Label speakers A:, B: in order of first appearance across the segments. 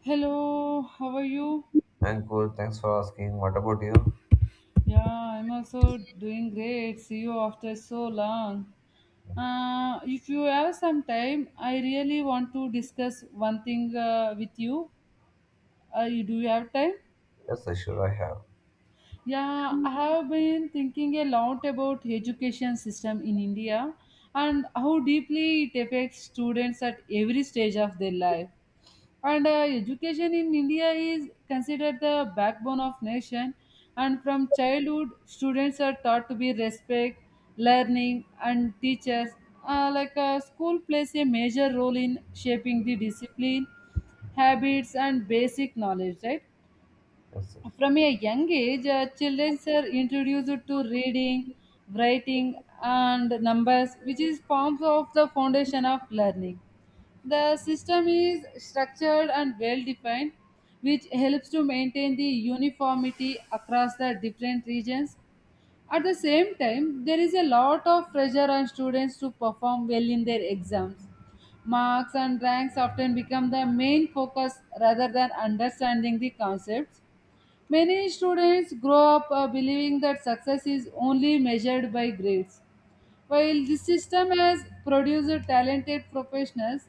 A: Hello, how are you?
B: I'm cool. Thanks for asking. What about you?
A: Yeah, I'm also doing great. See you after so long. If you have some time, I really want to discuss one thing with you. Do you have time?
B: Yes, I sure I have.
A: Yeah, I have been thinking a lot about education system in India and how deeply it affects students at every stage of their life. And Education in india is considered the backbone of nation, and from childhood students are taught to be respect learning and teachers. School plays a major role in shaping the discipline, habits and basic knowledge, right?
B: Yes, yes.
A: From a young age children are introduced to reading, writing and numbers, which is forms of the foundation of learning. The system is structured and well defined, which helps to maintain the uniformity across the different regions. At the same time, there is a lot of pressure on students to perform well in their exams. Marks and ranks often become the main focus rather than understanding the concepts. Many students grow up believing that success is only measured by grades. While this system has produced talented professionals,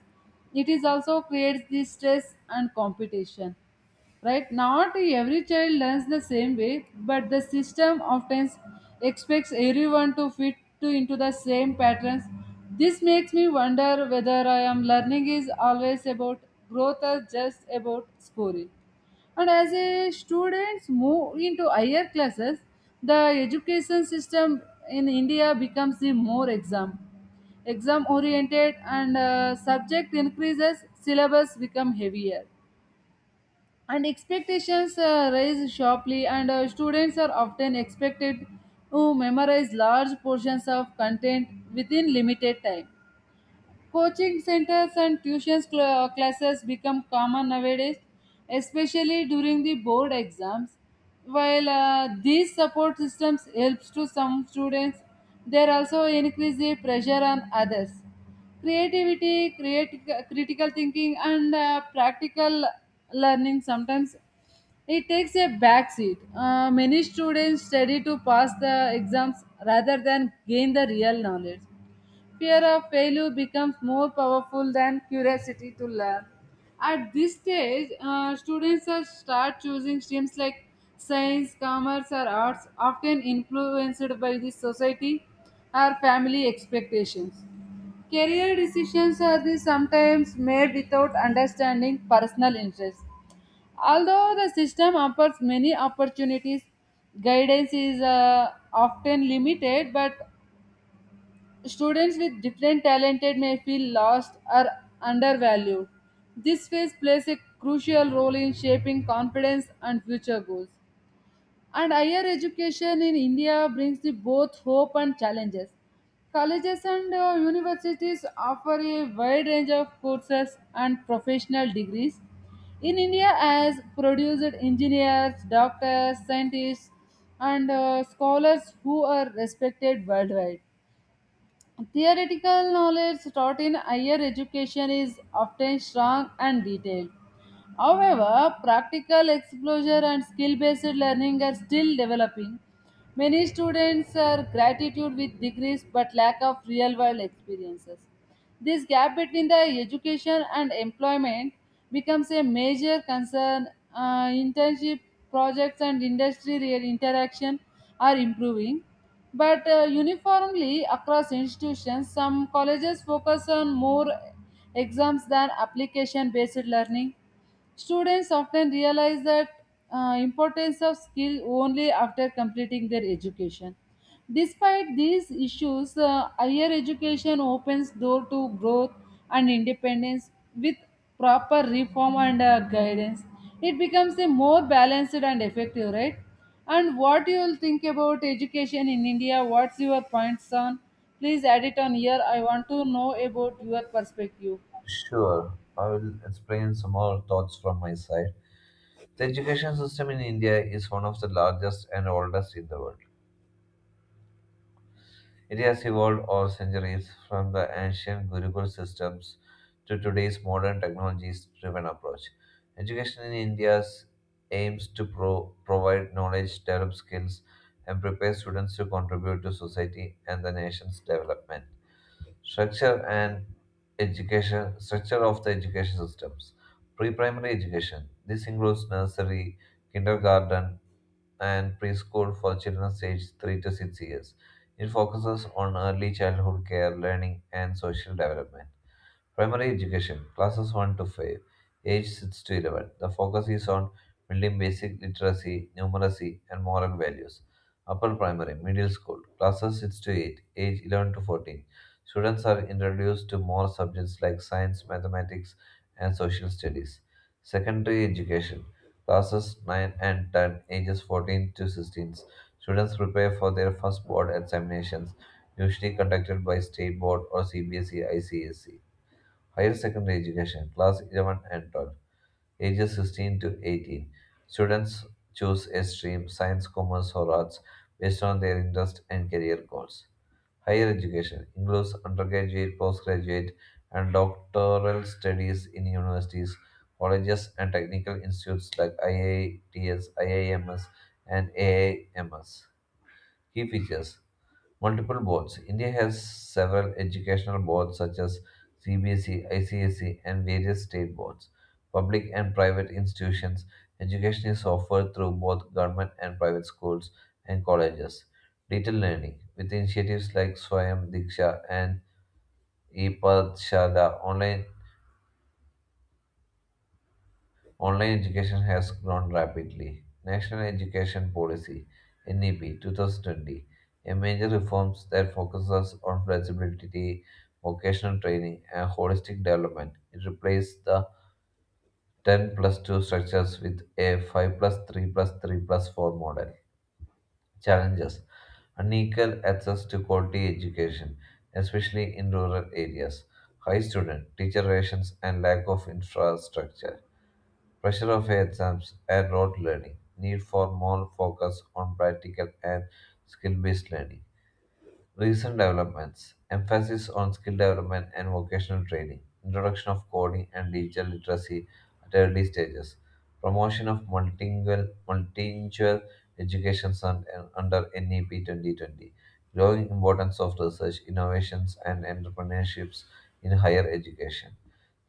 A: it is also creates the stress and competition, right? Not every child learns the same way, but the system often expects everyone to fit to into the same patterns. This makes me wonder whether I am learning is always about growth or just about scoring. And as a students move into higher classes, the education system in india becomes the more exam oriented and subject increases, syllabus become heavier and expectations rise sharply, and students are often expected to memorize large portions of content within limited time. Coaching centers and tuition classes become common nowadays, especially during the board exams. While these support systems helps to some students, they also increase the pressure on others. Creativity Create critical thinking, and practical learning sometimes it takes a backseat. Many students study to pass the exams rather than gain the real knowledge. Fear of failure becomes more powerful than curiosity to learn. At this stage, students are start choosing streams like science, commerce, or arts, often influenced by the society or family expectations. Career decisions are the sometimes made without understanding personal interests. Although the system offers many opportunities, guidance is often limited, but students with different talented may feel lost or undervalued. This phase plays a crucial role in shaping confidence and future goals. And higher education in India brings the both hope and challenges. Colleges and universities offer a wide range of courses and professional degrees. In India, has produced engineers, doctors, scientists, and scholars who are respected worldwide. Theoretical knowledge taught in higher education is often strong and detailed. However, practical exposure and skill based learning are still developing. Many students are gratitude with degrees but lack of real world experiences. This gap between the education and employment becomes a major concern. Internship projects and industry real interaction are improving, but uniformly across institutions, some colleges focus on more exams than application based learning. Students often realize that importance of skill only after completing their education. Despite these issues, higher education opens door to growth and independence with proper reform and guidance. It becomes a more balanced and effective, right? And what you will think about education in India? What's your points on? Please add it on here. I want to know about your perspective.
B: Sure. I will explain some more thoughts from my side. The education system in India is one of the largest and oldest in the world. It has evolved over centuries from the ancient Gurukul systems to today's modern technologies driven approach. Education in India aims to provide knowledge, develop skills, and prepare students to contribute to society and the nation's development. Structure and education structure of the education systems. Pre-primary education. This includes nursery, kindergarten, and preschool for children aged 3 to 6 years. It focuses on early childhood care, learning, and social development. Primary education, classes 1 to 5, age 6 to 11. The focus is on building basic literacy, numeracy, and moral values. Upper primary, middle school, classes 6 to 8, age 11 to 14. Students are introduced to more subjects like science, mathematics, and social studies. Secondary education, classes 9 and 10, ages 14 to 16. Students prepare for their first board examinations, usually conducted by state board or CBSE ICSE. Higher secondary education, class 11 and 12, ages 16 to 18. Students choose a stream, science, commerce, or arts based on their interest and career goals. Higher education includes undergraduate, postgraduate, and doctoral studies in universities, colleges, and technical institutes like IITS, IIMS, and AIMS. Key features multiple boards. India has several educational boards such as CBSE, ICSE, and various state boards. Public and private institutions. Education is offered through both government and private schools and colleges. Digital learning with initiatives like Swayam Diksha and E Pathshala, online online education has grown rapidly. National Education Policy (NEP) 2020, a major reforms that focuses on flexibility, vocational training, and holistic development. It replaced the 10 plus 2 structures with a 5 plus 3 plus 3 plus 4 model. Challenges: unequal access to quality education, especially in rural areas, high student teacher rations, and lack of infrastructure. Pressure of exams and rote learning. Need for more focus on practical and skill based learning. Recent developments. Emphasis on skill development and vocational training. Introduction of coding and digital literacy at early stages. Promotion of multilingual, multilingual education and under NEP 2020. Growing importance of research, innovations, and entrepreneurships in higher education.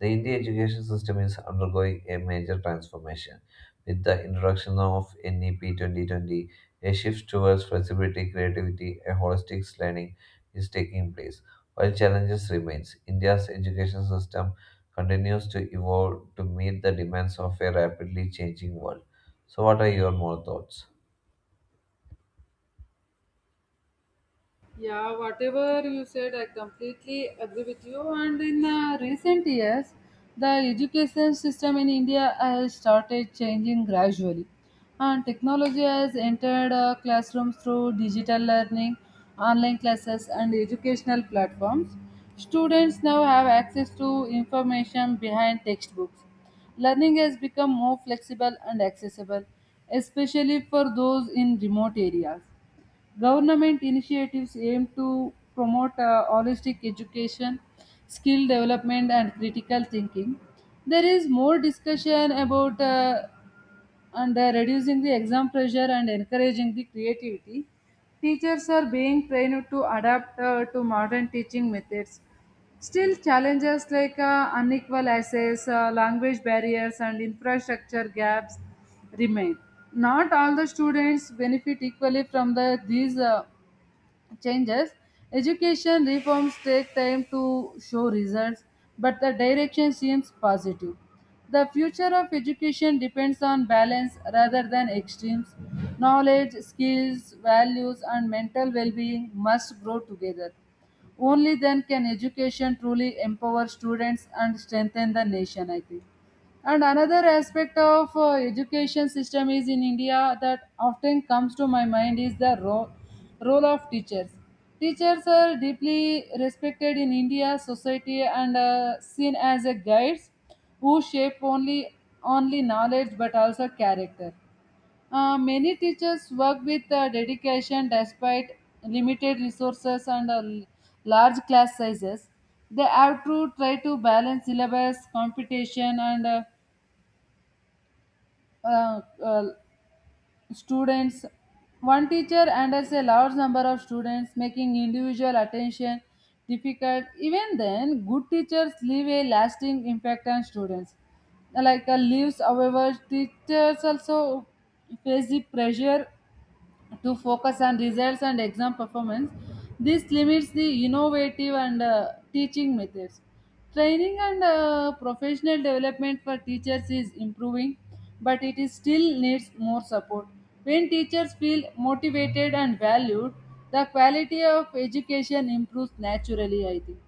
B: The Indian education system is undergoing a major transformation. With the introduction of NEP 2020, a shift towards flexibility, creativity, and holistic learning is taking place. While challenges remain, India's education system continues to evolve to meet the demands of a rapidly changing world. So, what are your more thoughts?
A: Yeah, whatever you said, I completely agree with you. And in recent years, the education system in India has started changing gradually. And technology has entered classrooms through digital learning, online classes, and educational platforms. Students now have access to information behind textbooks. Learning has become more flexible and accessible, especially for those in remote areas. Government initiatives aim to promote holistic education, skill development, and critical thinking. There is more discussion about and reducing the exam pressure and encouraging the creativity. Teachers are being trained to adapt to modern teaching methods. Still, challenges like unequal access, language barriers, and infrastructure gaps remain. Not all the students benefit equally from the, these changes. Education reforms take time to show results, but the direction seems positive. The future of education depends on balance rather than extremes. Knowledge, skills, values, and mental well being must grow together. Only then can education truly empower students and strengthen the nation, I think. And another aspect of education system is in india that often comes to my mind is the role of teachers. Teachers are deeply respected in india society and seen as a guides who shape only knowledge but also character. Many teachers work with dedication despite limited resources and large class sizes. They have to try to balance syllabus competition and uh, uh, students. One teacher handles a large number of students, making individual attention difficult. Even then, good teachers leave a lasting impact on students, like leaves. However, teachers also face the pressure to focus on results and exam performance. This limits the innovative and teaching methods. Training and professional development for teachers is improving, but it is still needs more support. When teachers feel motivated and valued, the quality of education improves naturally, I think.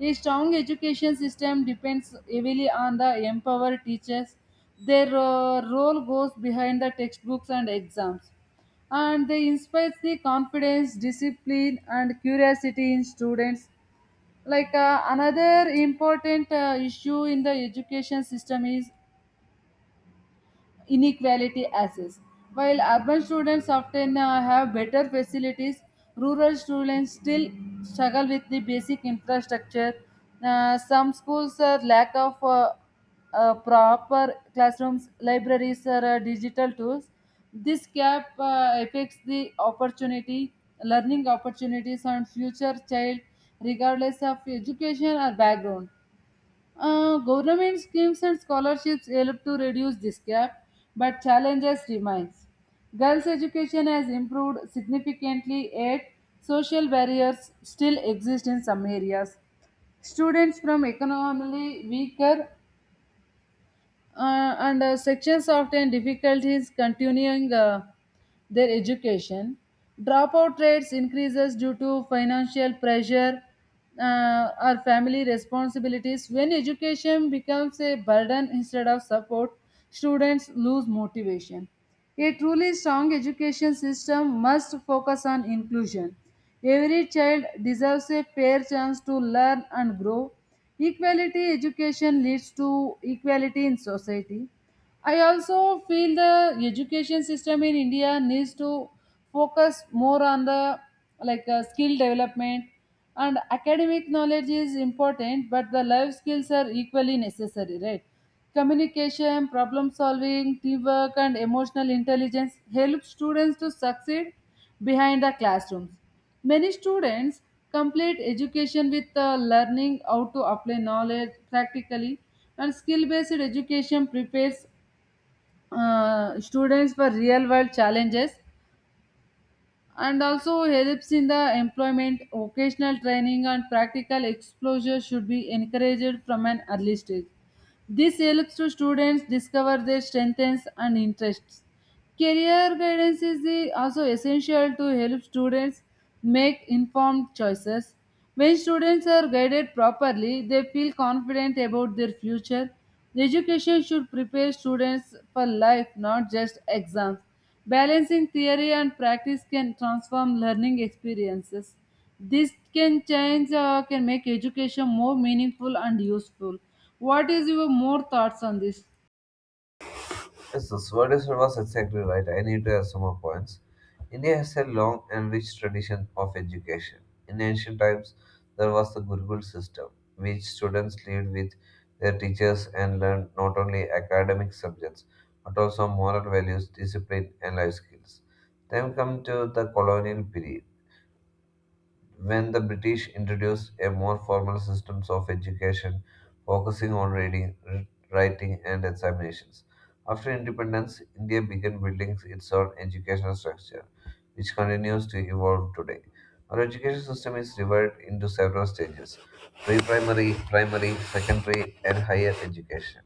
A: A strong education system depends heavily on the empowered teachers. Their role goes behind the textbooks and exams, and they inspire the confidence, discipline, and curiosity in students. Like another important issue in the education system is inequality access. While urban students often have better facilities, rural students still struggle with the basic infrastructure. Some schools lack of proper classrooms, libraries, or digital tools. This gap affects the opportunity, learning opportunities, and future child, regardless of education or background. Government schemes and scholarships help to reduce this gap, but challenges remain. Girls' education has improved significantly, yet social barriers still exist in some areas. Students from economically weaker and sections often difficulties continuing their education. Dropout rates increases due to financial pressure or family responsibilities. When education becomes a burden instead of support, students lose motivation. A truly strong education system must focus on inclusion. Every child deserves a fair chance to learn and grow. Equality education leads to equality in society. I also feel the education system in India needs to focus more on the like skill development. And academic knowledge is important, but the life skills are equally necessary, right? Communication, problem solving, teamwork and emotional intelligence help students to succeed behind the classrooms. Many students complete education with learning how to apply knowledge practically. And skill based education prepares students for real world challenges, and also helps in the employment. Vocational training and practical exposure should be encouraged from an early stage. This helps to students discover their strengths and interests. Career guidance is also essential to help students make informed choices. When students are guided properly, they feel confident about their future. Education should prepare students for life, not just exams. Balancing theory and practice can transform learning experiences. This can change, can make education more meaningful and useful. What is your more thoughts on this?
B: Yes, the Swarnasar was exactly right. I need to add some more points. India has a long and rich tradition of education. In ancient times, there was the Gurukul system, which students lived with their teachers and learned not only academic subjects but also moral values, discipline, and life skills. Then come to the colonial period. When the British introduced a more formal system of education focusing on reading, writing, and examinations. After independence, India began building its own educational structure, which continues to evolve today. Our education system is divided into several stages: pre primary, primary, secondary, and higher education.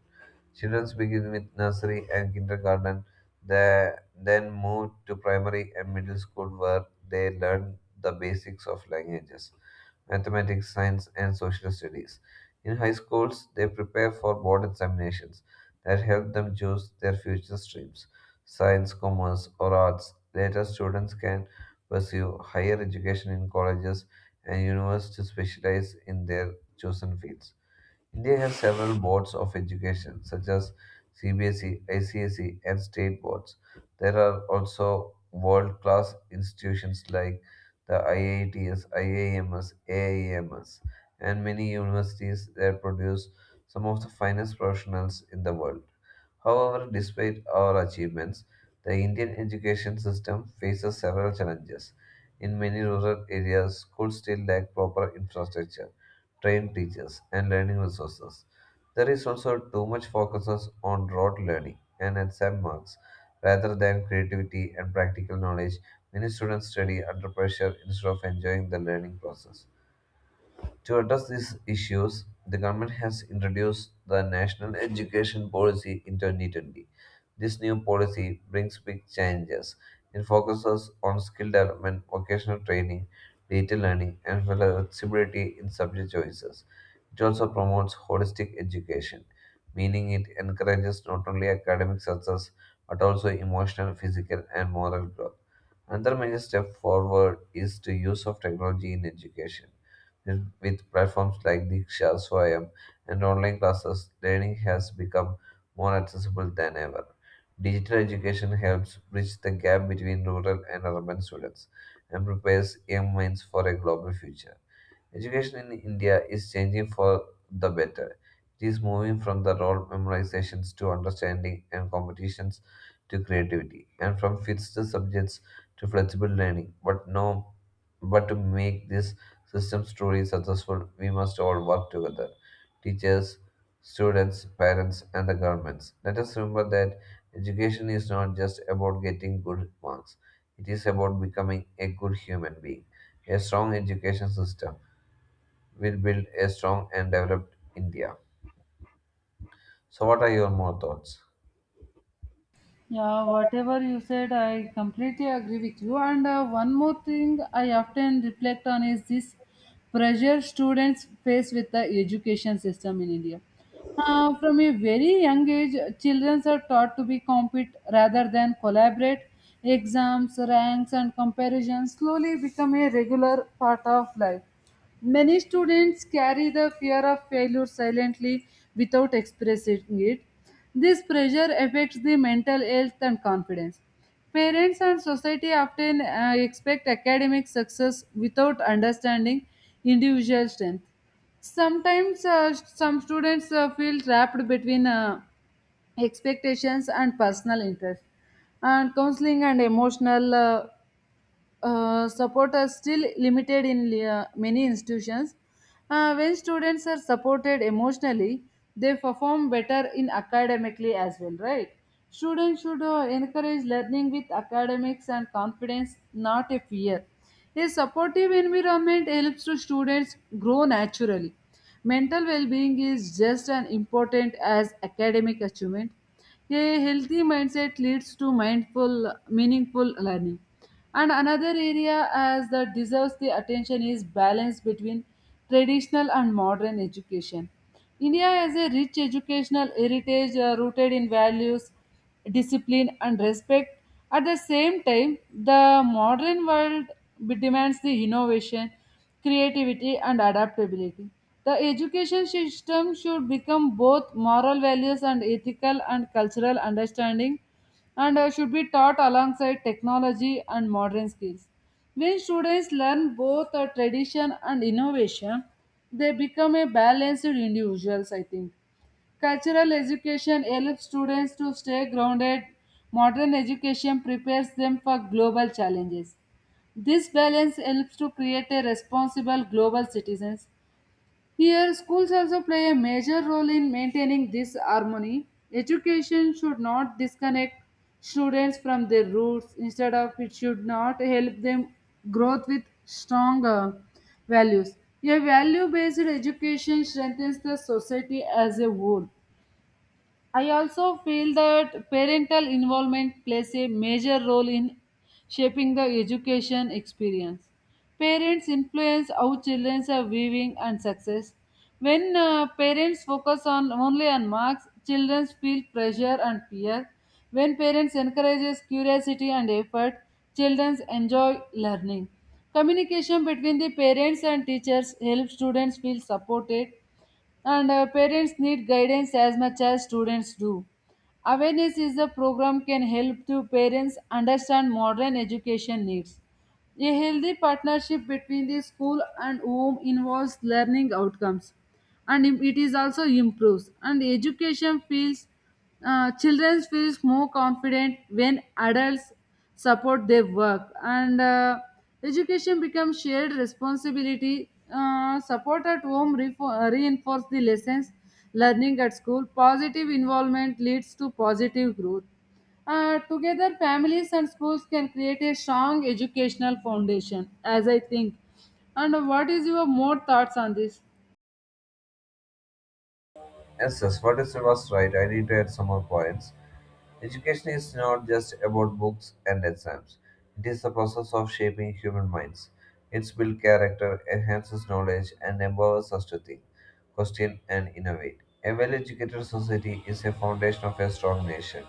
B: Children begin with nursery and kindergarten, they then move to primary and middle school where they learn the basics of languages, mathematics, science, and social studies. In high schools, they prepare for board examinations that help them choose their future streams, science, commerce, or arts. Later, students can pursue higher education in colleges and universities to specialize in their chosen fields. India has several boards of education, such as CBSE, ICSE, and state boards. There are also world class institutions like the IITs, IIMs, AIMs, and many universities that produce some of the finest professionals in the world. However, despite our achievements, the Indian education system faces several challenges. In many rural areas, schools still lack proper infrastructure, trained teachers, and learning resources. There is also too much focus on rote learning and exam marks rather than creativity and practical knowledge. Many students study under pressure instead of enjoying the learning process. To address these issues, the government has introduced the National Education Policy in 2020. This new policy brings big changes. It focuses on skill development, vocational training, digital learning, and flexibility in subject choices. It also promotes holistic education, meaning it encourages not only academic success but also emotional, physical, and moral growth. Another major step forward is the use of technology in education. With platforms like Diksha, Swayam, and online classes, learning has become more accessible than ever. Digital education helps bridge the gap between rural and urban students and prepares young minds for a global future. Education in India is changing for the better. It is moving from the rote memorizations to understanding and competitions to creativity, and from fixed subjects to flexible learning. But no, but to make this system truly successful, we must all work together. Teachers, students, parents, and the governments. Let us remember that education is not just about getting good marks. It is about becoming a good human being. A strong education system will build a strong and developed India. So, what are your more thoughts?
A: Yeah, whatever you said, I completely agree with you. And one more thing I often reflect on is this pressure students face with the education system in India. From a very young age, children are taught to be compete rather than collaborate. Exams, ranks, and comparisons slowly become a regular part of life. Many students carry the fear of failure silently without expressing it. This pressure affects the mental health and confidence. Parents and society often expect academic success without understanding individual strength. Sometimes some students feel trapped between expectations and personal interest. And counseling and emotional support is still limited in many institutions. When students are supported emotionally, they perform better in academically as well, right? Students should encourage learning with academics and confidence, not a fear. A supportive environment helps to students grow naturally. Mental well-being is just as important as academic achievement. A healthy mindset leads to mindful, meaningful learning. And another area as that deserves the attention is balance between traditional and modern education. India has a rich educational heritage rooted in values, discipline, and respect. At the same time, the modern world demands the innovation, creativity and adaptability. The education system should become both moral values and ethical and cultural understanding, and should be taught alongside technology and modern skills. When students learn both tradition and innovation, they become a balanced individuals, I think. Cultural education helps students to stay grounded. Modern education prepares them for global challenges. This balance helps to create a responsible global citizens. Here, schools also play a major role in maintaining this harmony. Education should not disconnect students from their roots. Instead of it should not help them growth with strong values. A value-based education strengthens the society as a whole. I also feel that parental involvement plays a major role in shaping the education experience. Parents influence how children are viewing and success. When parents focus on only on marks, children feel pressure and fear. When parents encourages curiosity and effort, children enjoy learning. Communication between the parents and teachers helps students feel supported and parents need guidance as much as students do. Awareness is a program can help to parents understand modern education needs. A healthy partnership between the school and home involves learning outcomes and it is also improves and education feels children feels more confident when adults support their work and education becomes shared responsibility support at home reinforce the lessons learning at school positive involvement leads to positive growth together, families and schools can create a strong educational foundation, as I think. And what is your more thoughts on this?
B: Yes, yes, what is was right? I need to add some more points. Education is not just about books and exams. It is the process of shaping human minds. It builds character, enhances knowledge, and empowers us to think, question, and innovate. A well-educated society is a foundation of a strong nation.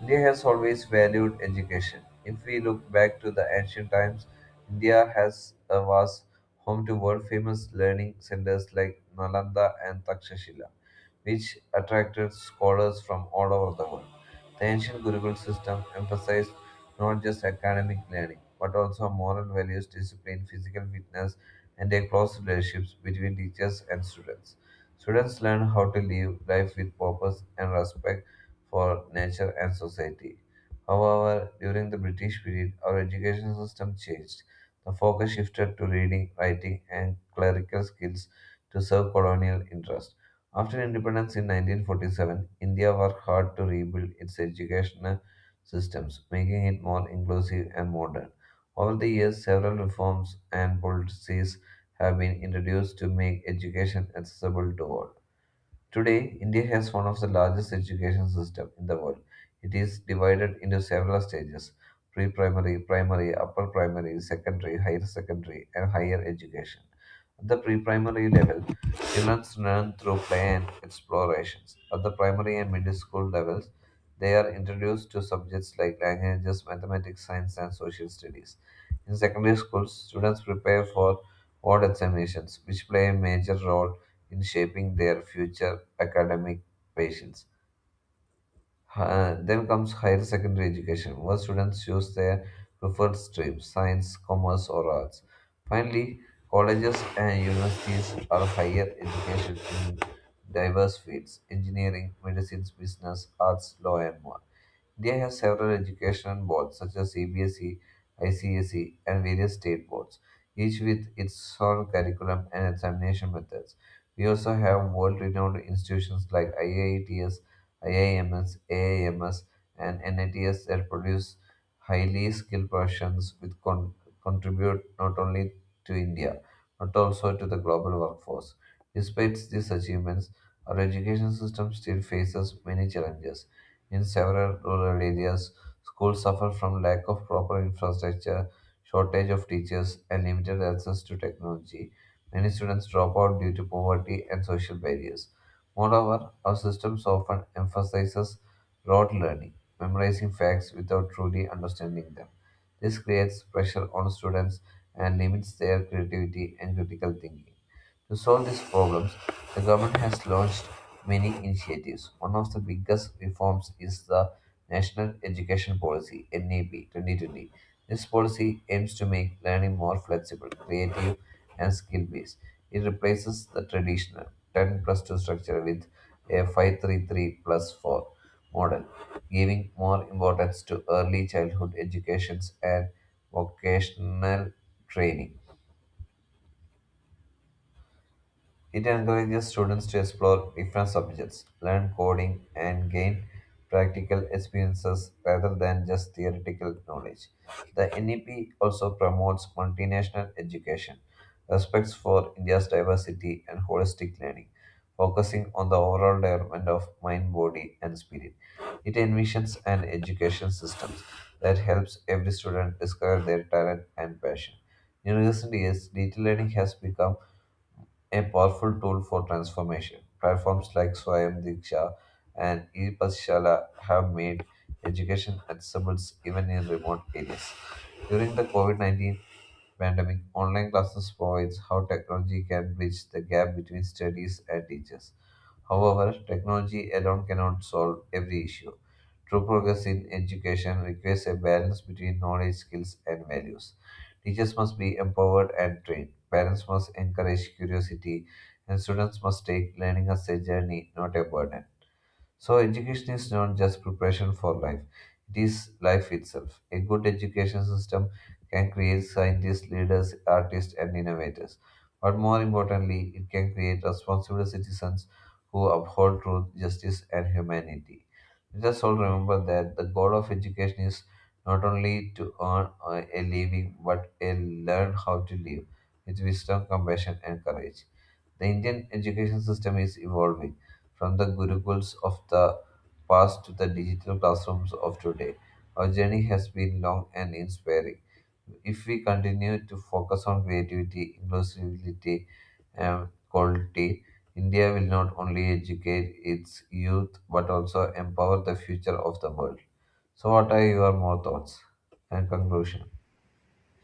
B: India has always valued education. If we look back to the ancient times, India has was home to world famous learning centers like Nalanda and Takshashila which attracted scholars from all over the world. The ancient Gurukul system emphasized not just academic learning, but also moral values, discipline, physical fitness, and a close relationships between teachers and students. Students learn how to live life with purpose and respect for nature and society. However, during the British period, our education system changed. The focus shifted to reading, writing, and clerical skills to serve colonial interests. After independence in 1947, India worked hard to rebuild its educational systems, making it more inclusive and modern. Over the years, several reforms and policies have been introduced to make education accessible to all. Today, India has one of the largest education systems in the world. It is divided into several stages: pre primary, primary, upper primary, secondary, higher secondary, and higher education. At the pre primary level, children learn through play and explorations. At the primary and middle school levels, they are introduced to subjects like languages, mathematics, science, and social studies. In secondary schools, students prepare for board examinations, which play a major role in shaping their future academic patients. Then comes higher secondary education, where students choose their preferred stream, science, commerce, or arts. Finally, colleges and universities are higher education in diverse fields: engineering, medicine, business, arts, law, and more. India has several education boards such as CBSE, ICSE, and various state boards, each with its own curriculum and examination methods. We also have world renowned institutions like IITS, IIMS, AIMS, and NITS that produce highly skilled professions which contribute not only to India but also to the global workforce. Despite these achievements, our education system still faces many challenges. In several rural areas, schools suffer from lack of proper infrastructure, shortage of teachers, and limited access to technology. Many students drop out due to poverty and social barriers. Moreover, our systems often emphasizes rote learning, memorizing facts without truly understanding them. This creates pressure on students and limits their creativity and critical thinking. To solve these problems, the government has launched many initiatives. One of the biggest reforms is the National Education Policy (NEP) 2020. This policy aims to make learning more flexible, creative, and skill-based. It replaces the traditional 10 plus 2 structure with a 533 plus 4 model, giving more importance to early childhood educations and vocational training. It encourages students to explore different subjects, learn coding, and gain practical experiences rather than just theoretical knowledge. The NEP also promotes multinational education, respects for India's diversity, and holistic learning, focusing on the overall development of mind, body, and spirit. It envisions an education system that helps every student discover their talent and passion. In recent years, digital learning has become a powerful tool for transformation. Platforms like Swayam Diksha and E-Pashala have made education accessible even in remote areas. During the COVID-19 pandemic, online classes provides how technology can bridge the gap between studies and teachers. However, technology alone cannot solve every issue. True progress in education requires a balance between knowledge, skills, and values. Teachers must be empowered and trained. Parents must encourage curiosity, and students must take learning as a journey, not a burden. So, education is not just preparation for life, it is life itself. A good education system can create scientists, leaders, artists, and innovators. But more importantly, it can create responsible citizens who uphold truth, justice, and humanity. Let us all remember that the goal of education is not only to earn a living but a learn how to live with wisdom, compassion, and courage. The Indian education system is evolving from the gurukuls of the past to the digital classrooms of today. Our journey has been long and inspiring. If we continue to focus on creativity, inclusivity, and quality, India will not only educate its youth but also empower the future of the world. So, what are your more thoughts and conclusion?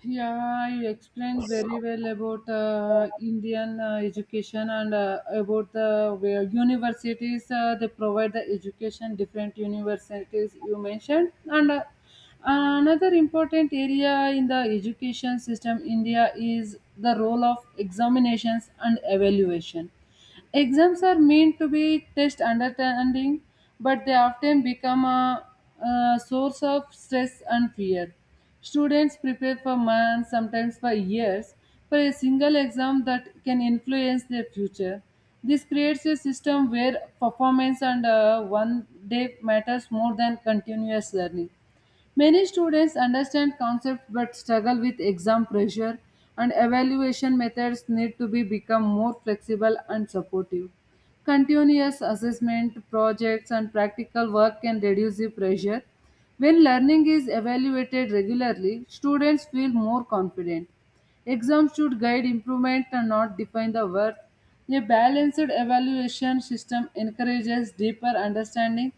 A: Yeah, you explained very well about Indian education and about the where universities. They provide the education, different universities you mentioned, and another important area in the education system India is the role of examinations and evaluation. Exams are meant to be test understanding, but they often a source of stress and fear. Students prepare for months, sometimes for years, for a single exam that can influence their future. This creates a system where performance and one day matters more than continuous learning. Many students understand concepts but struggle with exam pressure and evaluation methods need to be become more flexible and supportive. Continuous assessment, projects and practical work can reduce the pressure. When learning is evaluated regularly, students feel more confident. Exams should guide improvement and not define the worth. A balanced evaluation system encourages deeper understanding.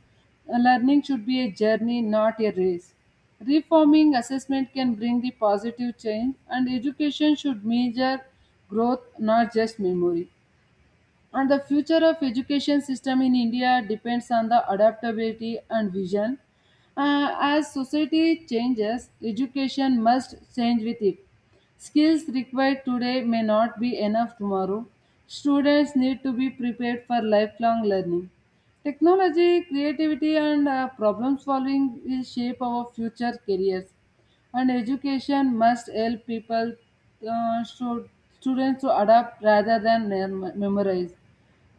A: And learning should be a journey, not a race. Reforming assessment can bring the positive change, and education should measure growth, not just memory. And the future of education system in India depends on the adaptability and vision. As society changes, education must change with it. Skills required today may not be enough tomorrow. Students need to be prepared for lifelong learning. Technology, creativity, and problem solving will shape our future careers. And education must help people, uh, stu- students to adapt rather than memorize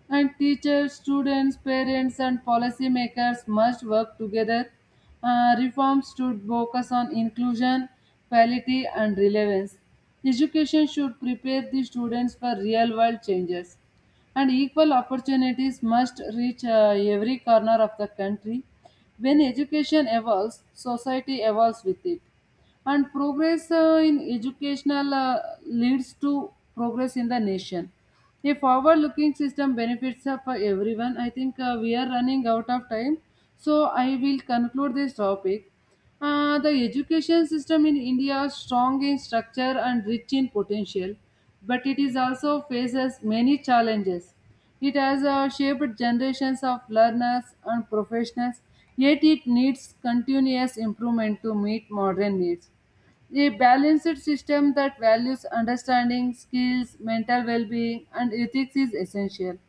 A: and teachers, students, parents, and policymakers must work together. Reforms should focus on inclusion, quality, and relevance. Education should prepare the students for real world changes. And equal opportunities must reach every corner of the country. When education evolves, society evolves with it, and progress in educational leads to progress in the nation. A forward looking system benefits for everyone. I think we are running out of time, so I will conclude this topic. The education system in India is strong in structure and rich in potential, but it is also faces many challenges. It has shaped generations of learners and professionals, yet it needs continuous improvement to meet modern needs. A balanced system that values understanding, skills, mental well being, and ethics is essential.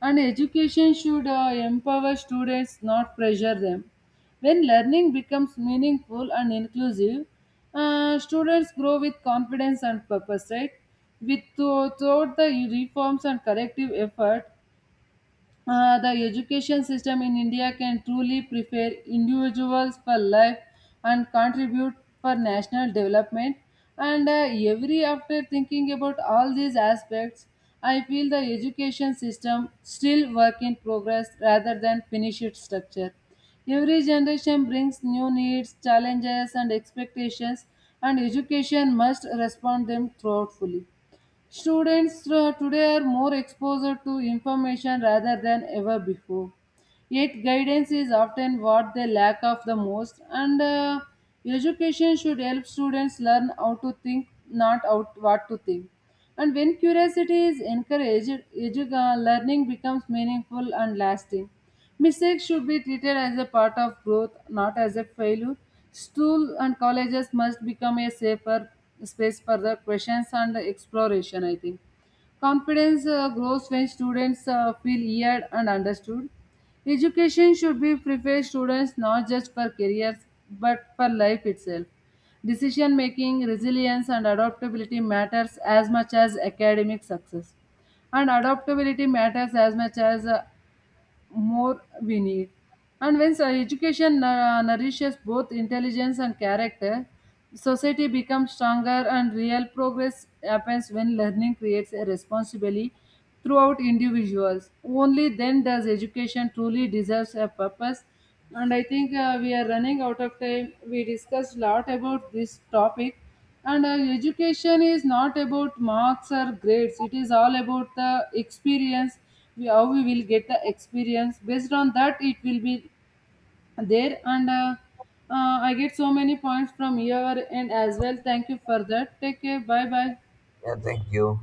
A: And education should empower students, not pressure them. When learning becomes meaningful and inclusive, students grow with confidence and purpose, right? With, throughout the reforms and corrective effort, the education system in India can truly prepare individuals for life and contribute for national development. And every after thinking about all these aspects, I feel the education system still work in progress rather than finish its structure. Every generation brings new needs, challenges, and expectations, and education must respond them thoughtfully. Students today are more exposed to information rather than ever before. Yet, guidance is often what they lack of the most, and education should help students learn how to think, not out what to think. And when curiosity is encouraged, learning becomes meaningful and lasting. Mistakes should be treated as a part of growth, not as a failure. Schools and colleges must become a safer space for the questions and exploration, I think. Confidence grows when students feel heard and understood. Education should be prepare students not just for careers but for life itself. Decision making, resilience, and adaptability matters as much as academic success, and adaptability matters as much as more we need. And when so education nourishes both intelligence and character, society becomes stronger and real progress happens when learning creates a responsibility throughout individuals. Only then does education truly deserves a purpose. And I think we are running out of time. We discussed a lot about this topic. And education is not about marks or grades. It is all about the experience. We, how we will get the experience. Based on that, it will be there. And I get so many points from your end as well. Thank you for that. Take care. Bye bye.
B: Yeah, thank you.